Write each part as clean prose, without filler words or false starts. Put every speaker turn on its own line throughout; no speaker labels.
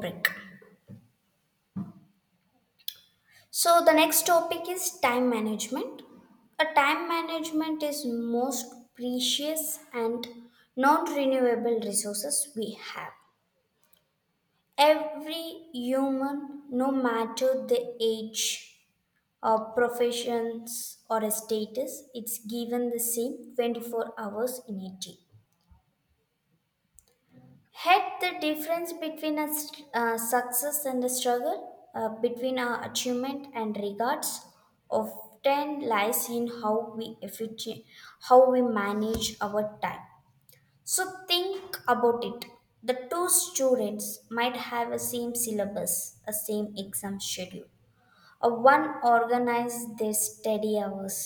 Break. So the next topic is time management. A time management is most precious and non-renewable resources we have. Every human, no matter the age or professions or status, it's given the same 24 hours in a day. Had the difference between a success and a struggle, between our achievement and regards, often lies in how we manage our time. So think about it. The two students might have a same syllabus, a same exam schedule. A one organizes their study hours,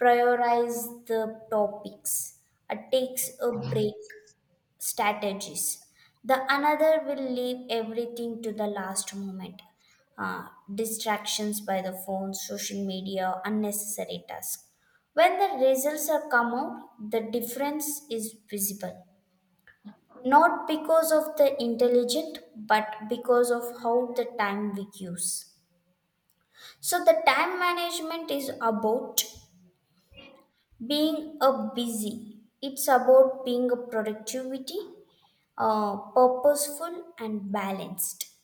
prioritize the topics, takes a break strategies. The another will leave everything to the last moment. Uh, Distractions by the phone, social media, unnecessary tasks. When the results are come out, the difference is visible. Not because of the intelligent, but because of how the time we use. So the time management is about being a busy. It's about being a productivity purposeful and balanced.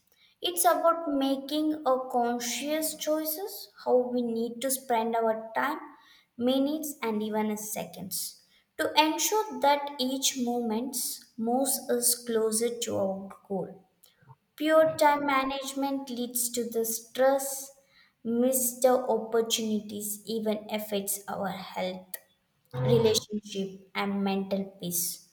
It's about making a conscious choices how we need to spend our time, minutes and even seconds to ensure that each moment moves us closer to our goal. Pure time management leads to the stress, missed opportunities, even affects our health relationship, and mental peace.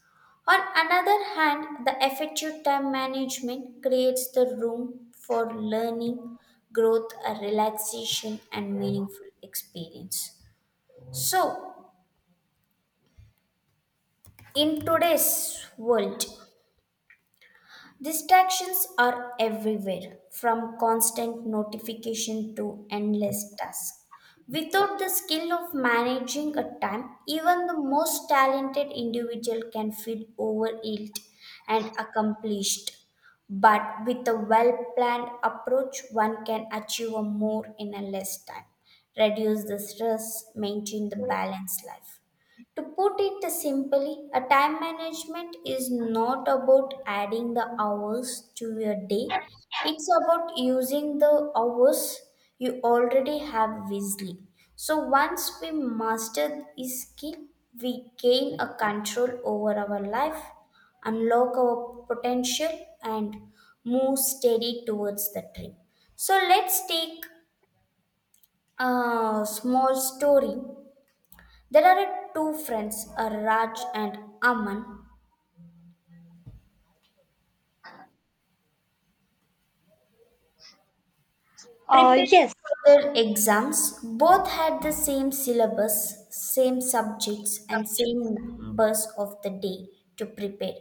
On another hand, the effective time management creates the room for learning, growth, a relaxation, and meaningful experience. So, in today's world, distractions are everywhere, from constant notification to endless tasks. Without the skill of managing a time, even the most talented individual can feel overwhelmed and accomplished. But with a well planned approach, one can achieve a more in a less time, reduce the stress, maintain the balanced life. To put it simply, a time management is not about adding the hours to your day. It's about using the hours you already have wisely. So once we master this skill, we gain a control over our life, unlock our potential and move steady towards the dream. So let's take a small story. There are two friends, Raj and Aman,
Uh,
preparing
yes,
for their exams. Both had the same syllabus, same subjects, and same numbers of the day to prepare.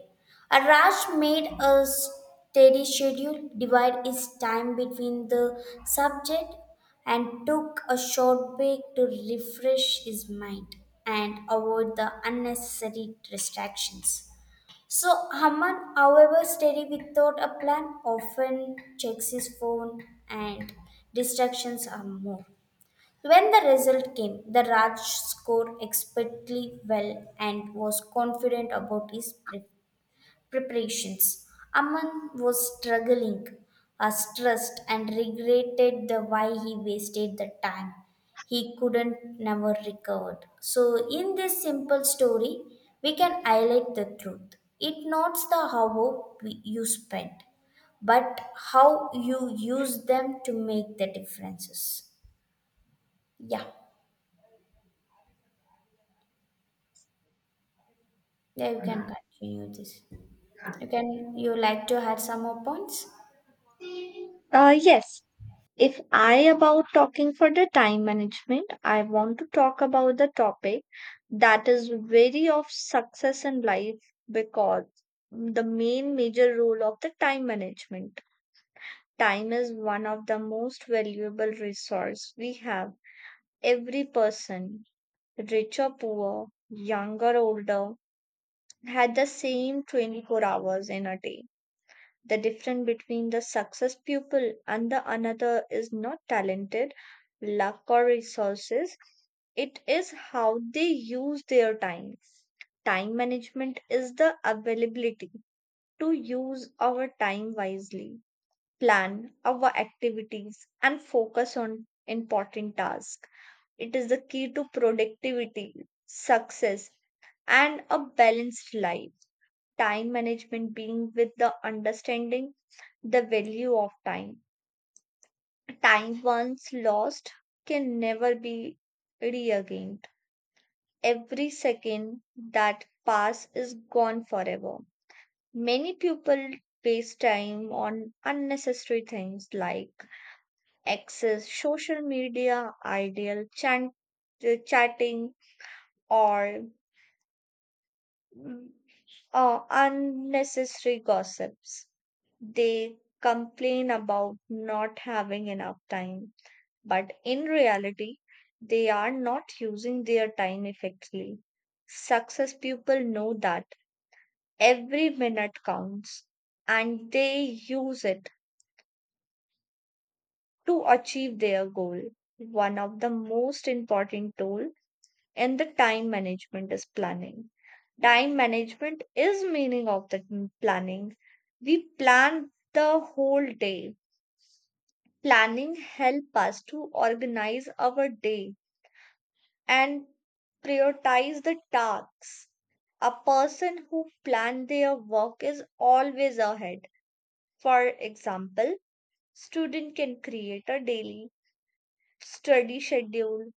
Raj made a steady schedule, divided his time between the subject, and took a short break to refresh his mind and avoid the unnecessary distractions. So Haman, however steady without a plan, often checks his phone and distractions are more. When the result came, the Raj scored expertly well and was confident about his preparations. Aman was struggling, stressed, and regretted the why he wasted the time. He couldn't never recovered. So in this simple story, we can highlight the truth. It not the how you spent, but how you use them to make the differences. Yeah, yeah, you can continue this. You can, you like to add some more points?
uh, yes. If I about talking for the time management, I want to talk about the topic that is very of success in life because the main major role of the time management. Time is one of the most valuable resource we have. Every person, rich or poor, young or older, had the same 24 hours in a day. The difference between the success pupil and the another is not talented, luck, or resources. It is how they use their time. Time management is the availability to use our time wisely, plan our activities, and focus on important tasks. It is the key to productivity, success, and a balanced life. Time management being with the understanding the value of time. Time once lost can never be regained. Every second that pass is gone forever. Many people waste time on unnecessary things like access social media, chatting, or mm, unnecessary gossips. They complain about not having enough time, but in reality, they are not using their time effectively. Success people know that every minute counts and they use it to achieve their goal. One of the most important tool and the time management is planning. Time management is meaning of planning. We plan the whole day. Planning help us to organize our day and prioritize the tasks. A person who plan their work is always ahead. For example, student can create a daily study schedule,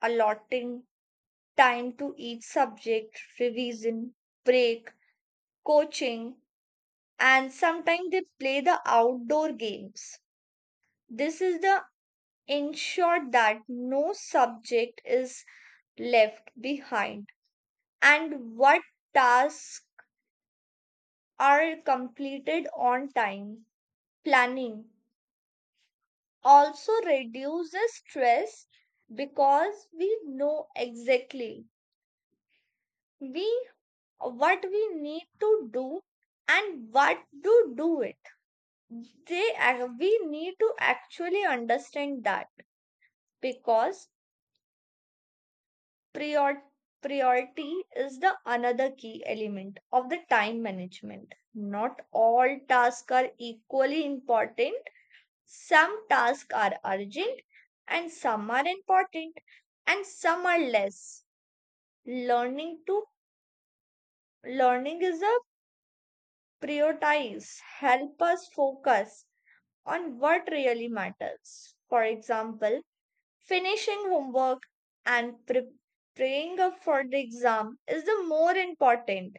allotting time to each subject, revision, break, coaching, and sometimes they play the outdoor games. This is the ensure that no subject is left behind and what tasks are completed on time. Planning also reduces stress because we know exactly we what we need to do and what to do it. We need to actually understand that because prior- priority is the another key element of the time management. Not all tasks are equally important. Some tasks are urgent and some are important and some are less. Learning to learning is a prioritize, help us focus on what really matters. For example, finishing homework and preparing up for the exam is the more important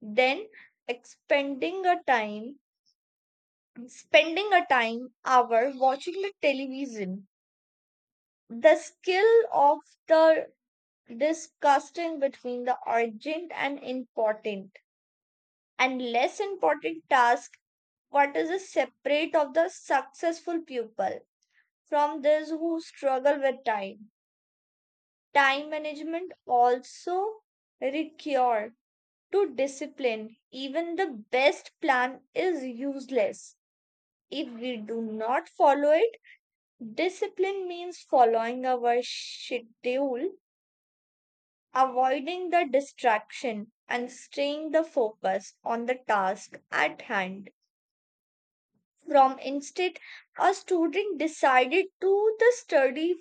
than expending a time, spending a time hour watching the television. The skill of the disgusting between the urgent and important and less important task, what is the separate of the successful pupil from those who struggle with time. Time management also require to discipline. Even the best plan is useless if we do not follow it. Discipline means following our schedule, avoiding the distraction, and staying the focus on the task at hand. From instead, a student decided to the study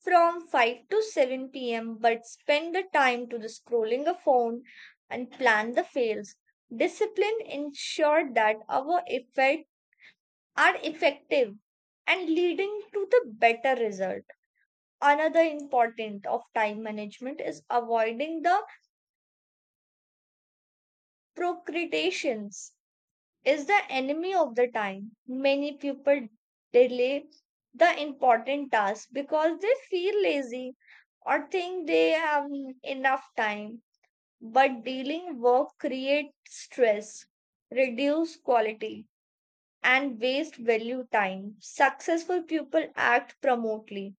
from 5 to 7 p.m. but spend the time to the scrolling a phone and plan the fails. Discipline ensure that our effect are effective and leading to the better result. Another important of time management is avoiding the procrastinations, is the enemy of the time. Many people delay the important task because they feel lazy or think they have enough time, but dealing work creates stress, reduce quality, and waste value time. Successful people act promptly.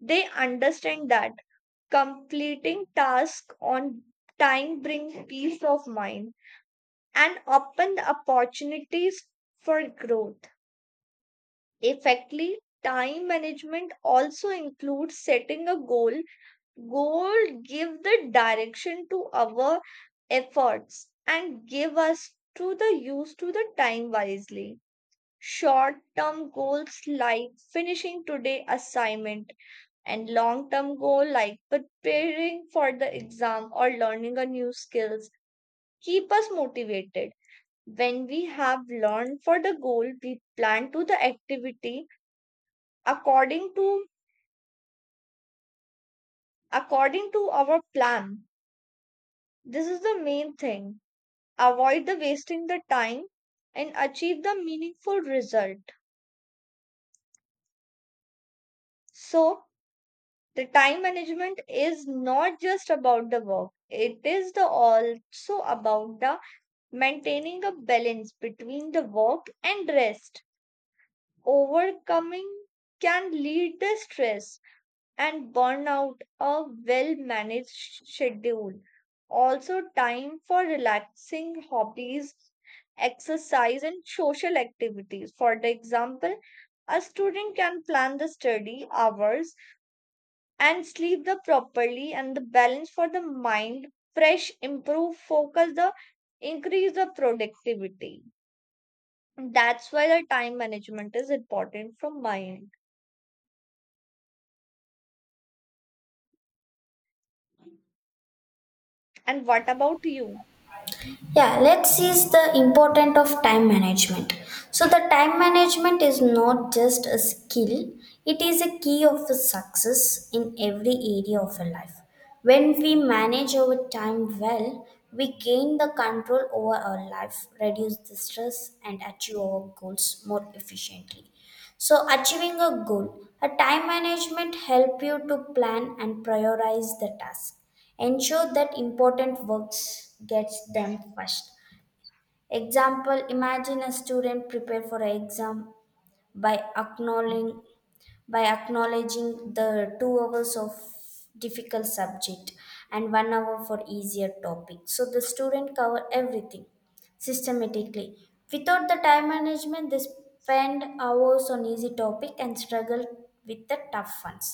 They understand that completing tasks on time brings peace of mind and open the opportunities for growth. Effectively, time management also includes setting a goal. Goal give the direction to our efforts and give us to the use to the time wisely. Short term goals like finishing today assignment and long term goal like preparing for the exam or learning a new skills keep us motivated. When we have learned for the goal, we plan to the activity according to according to our plan. This is the main thing, avoid the wasting the time and achieve the meaningful result. So the time management is not just about the work, it is the also about the maintaining a balance between the work and rest. Overcoming can lead the stress and burn out a well managed schedule. Also, time for relaxing hobbies, exercise, and social activities. For the example, a student can plan the study hours and sleep the properly and the balance for the mind, fresh, improve, focus the increase the productivity. That's why the time management is important from my end. And what about you?
Yeah, let's see is the important of time management. So the time management is not just a skill, it is a key of a success in every area of a life. When we manage our time well, we gain the control over our life, reduce the stress and achieve our goals more efficiently. So achieving a goal, a time management help you to plan and prioritize the task. Ensure that important works gets them first. Example, imagine a student prepare for an exam by acknowledging by acknowledging the 2 hours of difficult subject and 1 hour for easier topic so the student cover everything systematically without the time management they spend hours on easy topic and struggle with the tough ones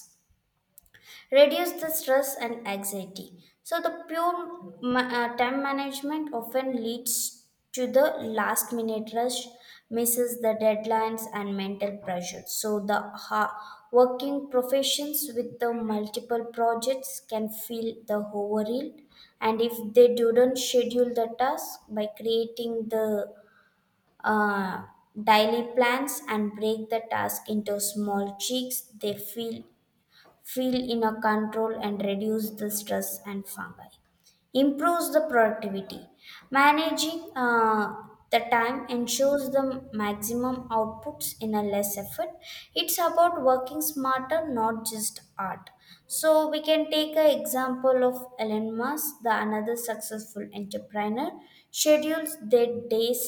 reduce the stress and anxiety. So, the pure time management often leads to the last minute rush, misses the deadlines, and mental pressure. So, the working professions with the multiple projects can feel the overwhelmed, and if they don't schedule the task by creating the uh, daily plans and break the task into small cheeks, they feel inner control and reduce the stress and fungi improves the productivity managing the time ensures the maximum outputs in a less effort it's about working smarter not just art. So we can take an example of Elon Musk, the another successful entrepreneur schedules their days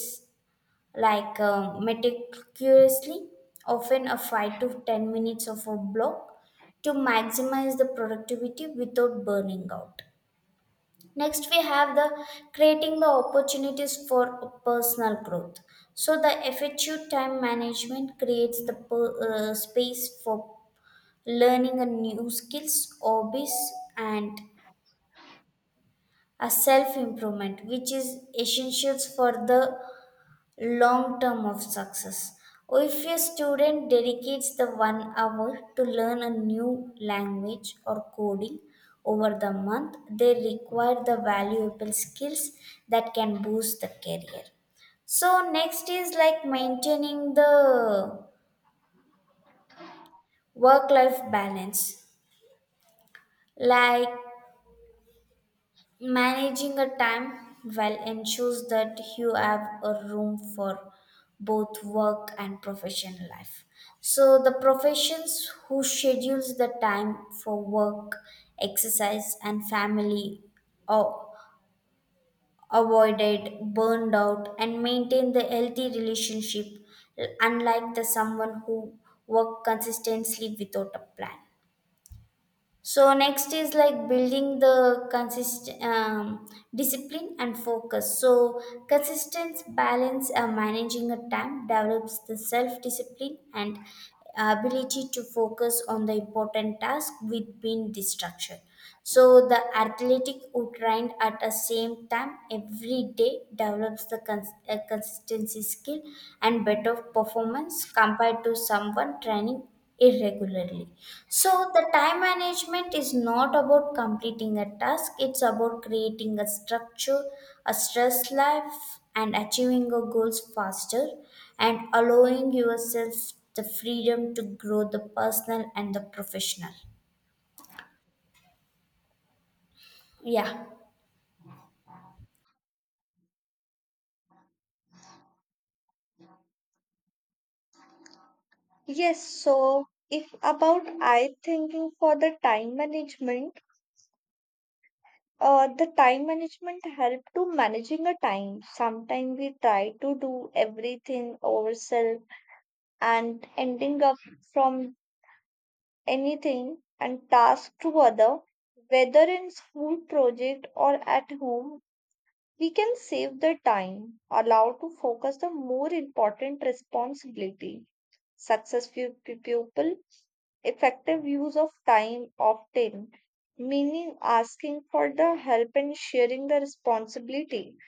like meticulously, often a 5 to 10 minutes of a block to maximize the productivity without burning out. Next, we have the creating the opportunities for personal growth. So, the effective time management creates the space for learning a new skills, hobbies, and a self improvement which is essentials for the long term of success if a student dedicates the 1 hour to learn a new language or coding over the month they require the valuable skills that can boost the career so next is like maintaining the work life balance like managing a time well ensures that you have a room for both work and professional life. So the professions who schedules the time for work, exercise and family or avoided burned out and maintain the healthy relationship unlike the someone who work consistently without a plan. So next is like building the consist discipline and focus. So consistent balance managing a time develops the self discipline and ability to focus on the important task within distraction. So the athletic who trained at the same time every day develops the consistency skill and better performance compared to someone training irregularly. So the time management is not about completing a task; it's about creating a structure, a stress life, and achieving your goals faster, and allowing yourself the freedom to grow the personal and the professional. Yeah.
Yes, so if about I thinking for the time management help to managing a time. Sometimes we try to do everything ourselves and ending up from anything and task to other, whether in school project or at home. We can save the time, allow to focus the more important responsibility. Successful pupil, effective use of time often, meaning asking for the help and sharing the responsibility.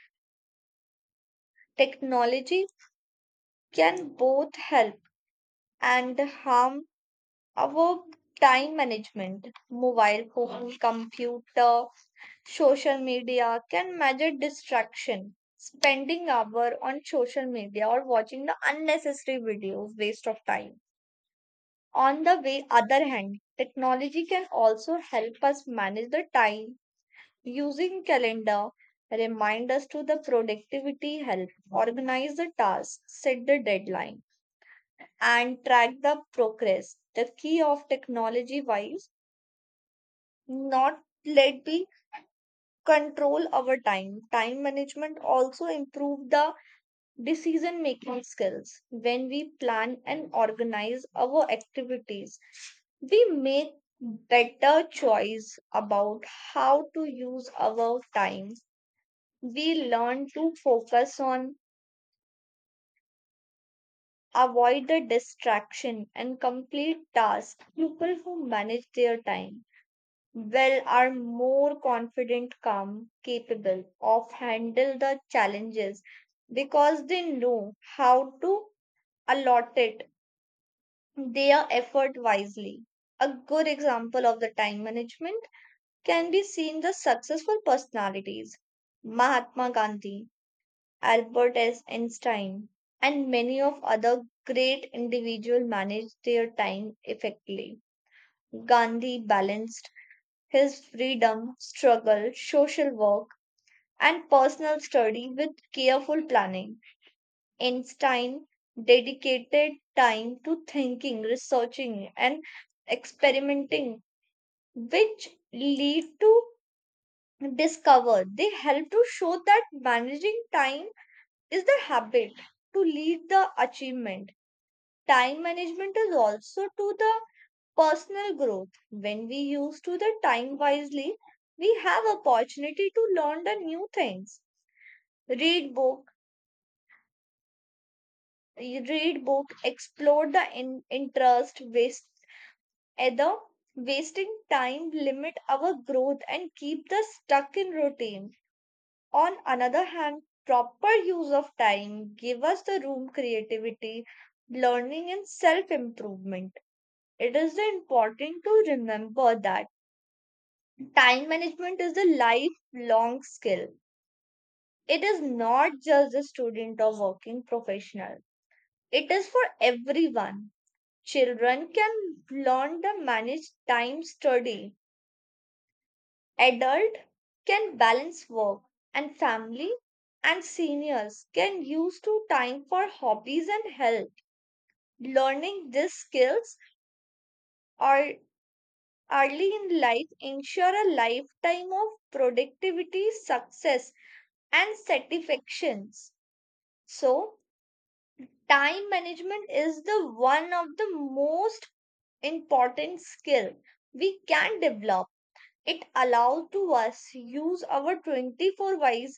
Technology can both help and harm our time management. Mobile phone, computer, social media can measure distraction. Spending hour on social media or watching the unnecessary videos waste of time. On the way, other hand, technology can also help us manage the time using calendar, remind us to the productivity help, organize the task, set the deadline, and track the progress. The key of technology wise, not let be control our time. Time management also improve the decision making skills. When we plan and organize our activities, we make better choice about how to use our time. We learn to focus on avoid the distraction and complete tasks. People who manage their time well are more confident, calm, capable of handle the challenges because they know how to allot it their effort wisely. A good example of the time management can be seen the successful personalities Mahatma Gandhi, Albert S. Einstein, and many of other great individuals manage their time effectively. Gandhi balanced his freedom, struggle, social work, and personal study with careful planning. Einstein dedicated time to thinking, researching, and experimenting, which lead to discover. They help to show that managing time is the habit to lead the achievement. Time management is also to the personal growth. When we use to the time wisely, we have opportunity to learn the new things, read book, explore the interest waste. Either wasting time limit our growth and keep the stuck in routine. On another hand, proper use of time give us the room creativity, learning and self improvement. It is important to remember that time management is a lifelong skill. It is not just a student or working professional. It is for everyone. Children can learn to manage time study. Adult can balance work and family, and seniors can use to time for hobbies and health. Learning these skills are early in life ensure a lifetime of productivity, success and satisfactions. So, time management is the one of the most important skill we can develop. It allows to us use our 24 wise,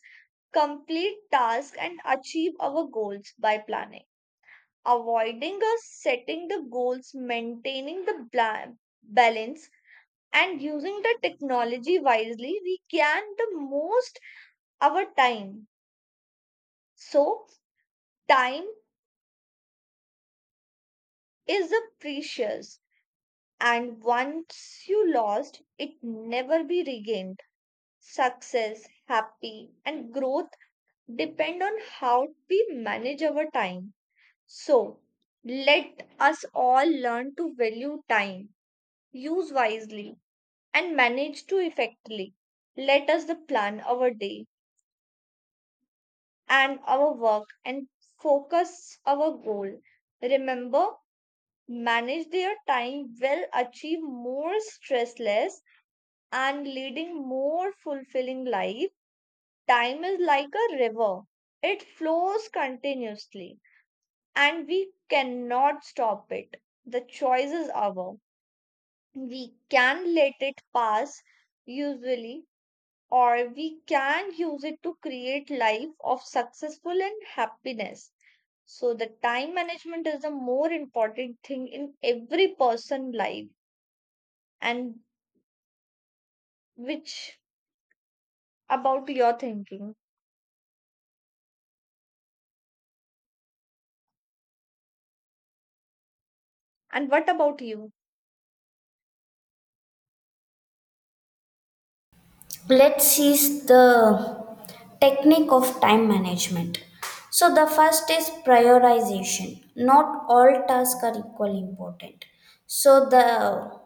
complete tasks and achieve our goals by planning, avoiding us setting the goals, maintaining the balance and using the technology wisely we can the most our time. So time is a precious. And once you lost, it never be regained. Success, happy, and growth depend on how we manage our time. So, let us all learn to value time, use wisely, and manage to effectively. Let us the plan our day and our work and focus our goal. Remember, manage their time well, achieve more stressless and leading more fulfilling life. Time is like a river, it flows continuously, and we cannot stop it. The choice is ours. We can let it pass, usually, or we can use it to create life of successful and happiness. So the time management is the more important thing in every person life and which about your thinking and what about you?
Let's see the technique of time management. So, the first is prioritization. Not all tasks are equally important. So, the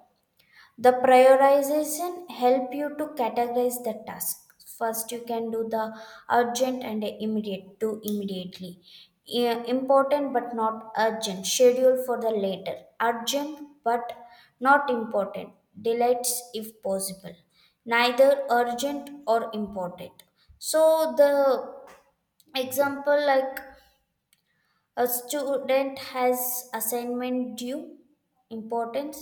prioritization help you to categorize the task first you can do the urgent and immediate do immediately important but not urgent schedule for the later urgent but not important delays if possible neither urgent or important so the example like a student has assignment due importance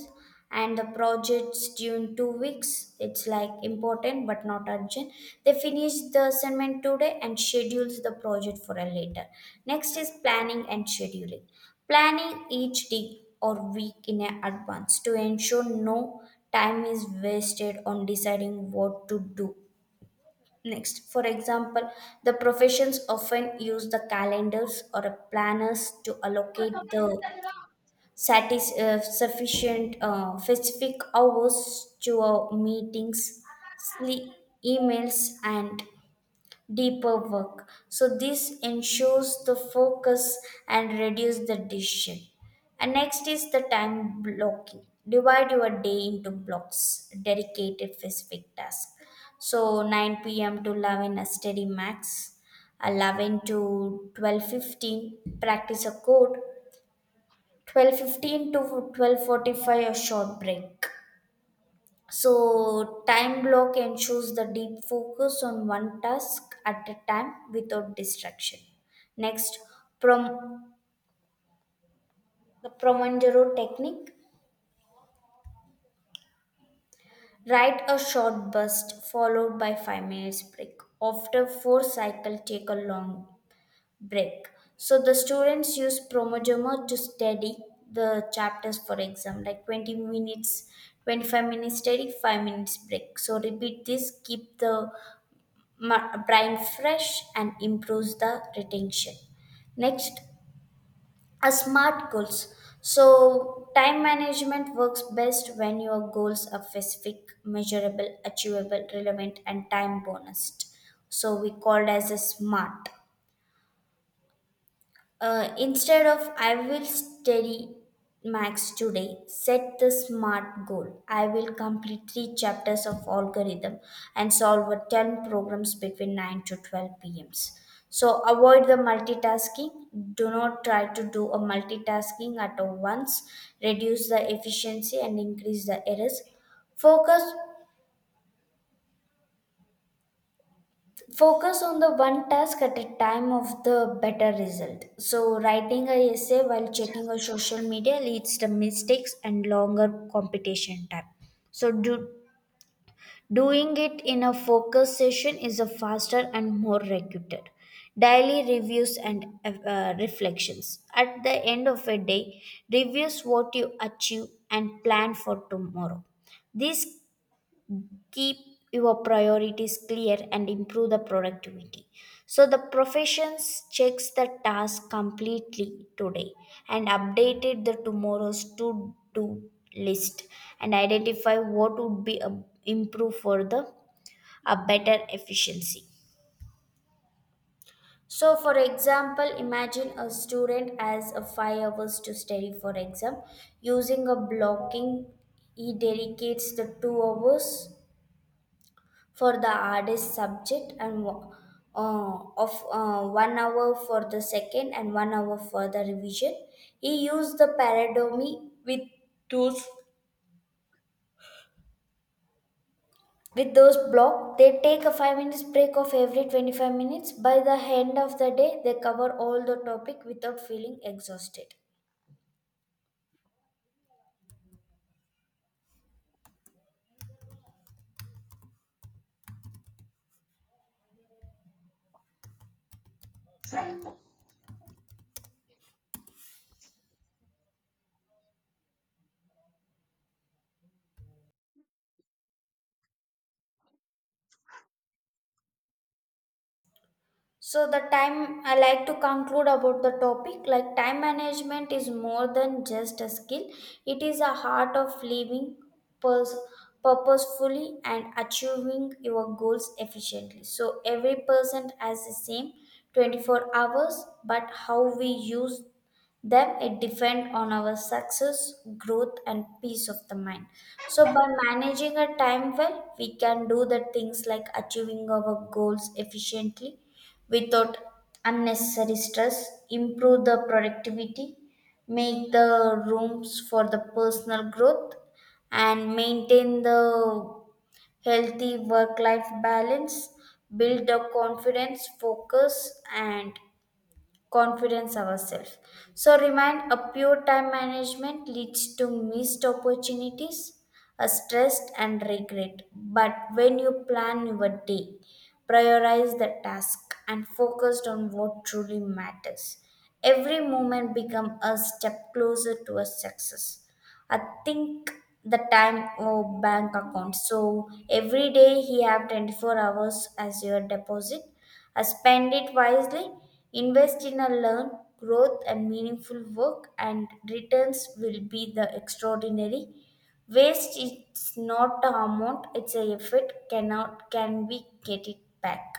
and the project's due in 2 weeks. It's like important but not urgent. They finish the assignment today and schedules the project for a later. Next is planning and scheduling. Planning each day or week in advance to ensure no time is wasted on deciding what to do. Next, for example, the professions often use the calendars or a planners to allocate the satis- sufficient specific hours to our meetings, sleep, emails, and deeper work. So this ensures the focus and reduce the decision. And next is the time blocking. Divide your day into blocks, dedicated specific task. So 9 p.m. to 11 a steady max, 11 to 12:15 practice a code, 12:15 to 12:45 a short break so, time block ensures the deep focus on one task at a time without distraction. Next, prom- the Promangero technique. Write a short burst followed by 5 minutes break. After 4 cycle, take a long break. So, the students use Promangero to study the chapters for exam, like 20 minutes, 25 minutes study, 5 minutes break. So, repeat this, keep the brain fresh and improves the retention next a smart goals so time management works best when your goals are specific measurable achievable relevant and time bonused so we called as a smart instead of I will study max today, set the smart goal. I will complete three chapters of algorithm and solve a 10 programs between 9 to 12 p.m.s. So avoid the multitasking. Do not try to do a multitasking at once. Reduce the efficiency and increase the errors. Focus focus on the one task at a time of the better result so writing a essay while checking a social media leads to mistakes and longer competition time so doing it in a focus session is a faster and more regular daily reviews and reflections at the end of a day reviews what you achieve and plan for tomorrow this keep your priorities clear and improve the productivity so the professions checks the task completely today and updated the tomorrow's to do list and identify what would be improved for the a better efficiency so, for example, imagine a student has a 5 hours to study for exam. Using a blocking, he dedicates the 2 hours for the hardest subject and wo- of 1 hour for the second and 1 hour for the revision. He used the paradigm with those with those blocks. They take a 5 minutes break of every 25 minutes. By the end of the day, they cover all the topic without feeling exhausted. So the time I like to conclude about the topic like time management is more than just a skill it is a heart of living pers- purposefully and achieving your goals efficiently so every person has the same 24 hours but how we use them it depend on our success growth and peace of the mind so by managing our time well we can do the things like achieving our goals efficiently without unnecessary stress improve the productivity make the rooms for the personal growth and maintain the healthy work life balance build the confidence focus and confidence ourselves. So remind a pure time management leads to missed opportunities, a stress and regret. But when you plan your day, prioritize the task and focused on what truly matters. Every moment become a step closer to a success. I think the time or bank account. So every day he have 24 hours as your deposit I spend it wisely, invest in a learn, growth, and meaningful work, and returns will be the extraordinary. Waste is not a amount, it's a effort, cannot can we get it back.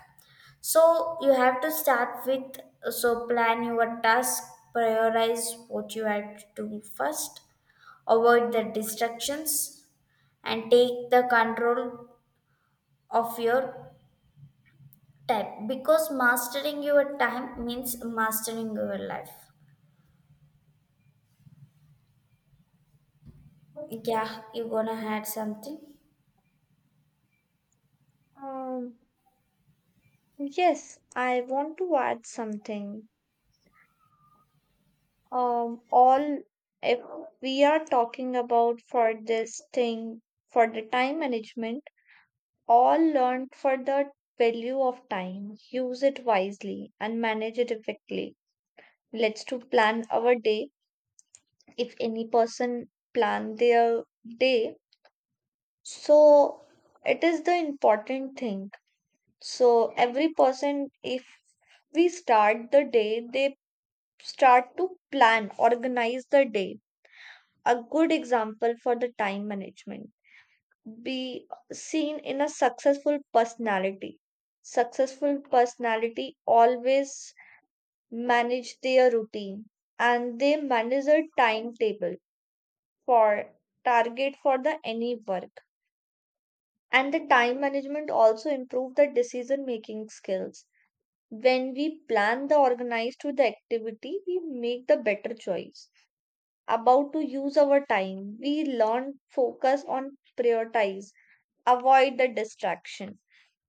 So you have to start with so plan your task, prioritize what you have to do first, avoid the distractions, and take the control of your time because mastering your time means mastering your life. Yeah, you gonna add something?
Um, yes, I want to add something. All If we are talking about for this thing for the time management, all learned for the value of time. Use it wisely and manage it effectively. Let's to plan our day. If any person plan their day, so it is the important thing. So every person, if we start the day, they start to plan, organize the day. A good example for the time management. Be seen in a successful personality. Successful personality always manage their routine and they manage a timetable for target for the any work. And the time management also improve the decision making skills. When we plan the organized to the activity, we make the better choice about to use our time. We learn focus on prioritize, avoid the distraction.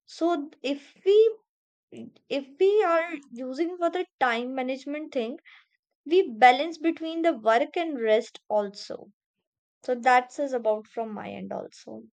So if we are using for the time management thing, we balance between the work and rest also. So that's is about from my end also.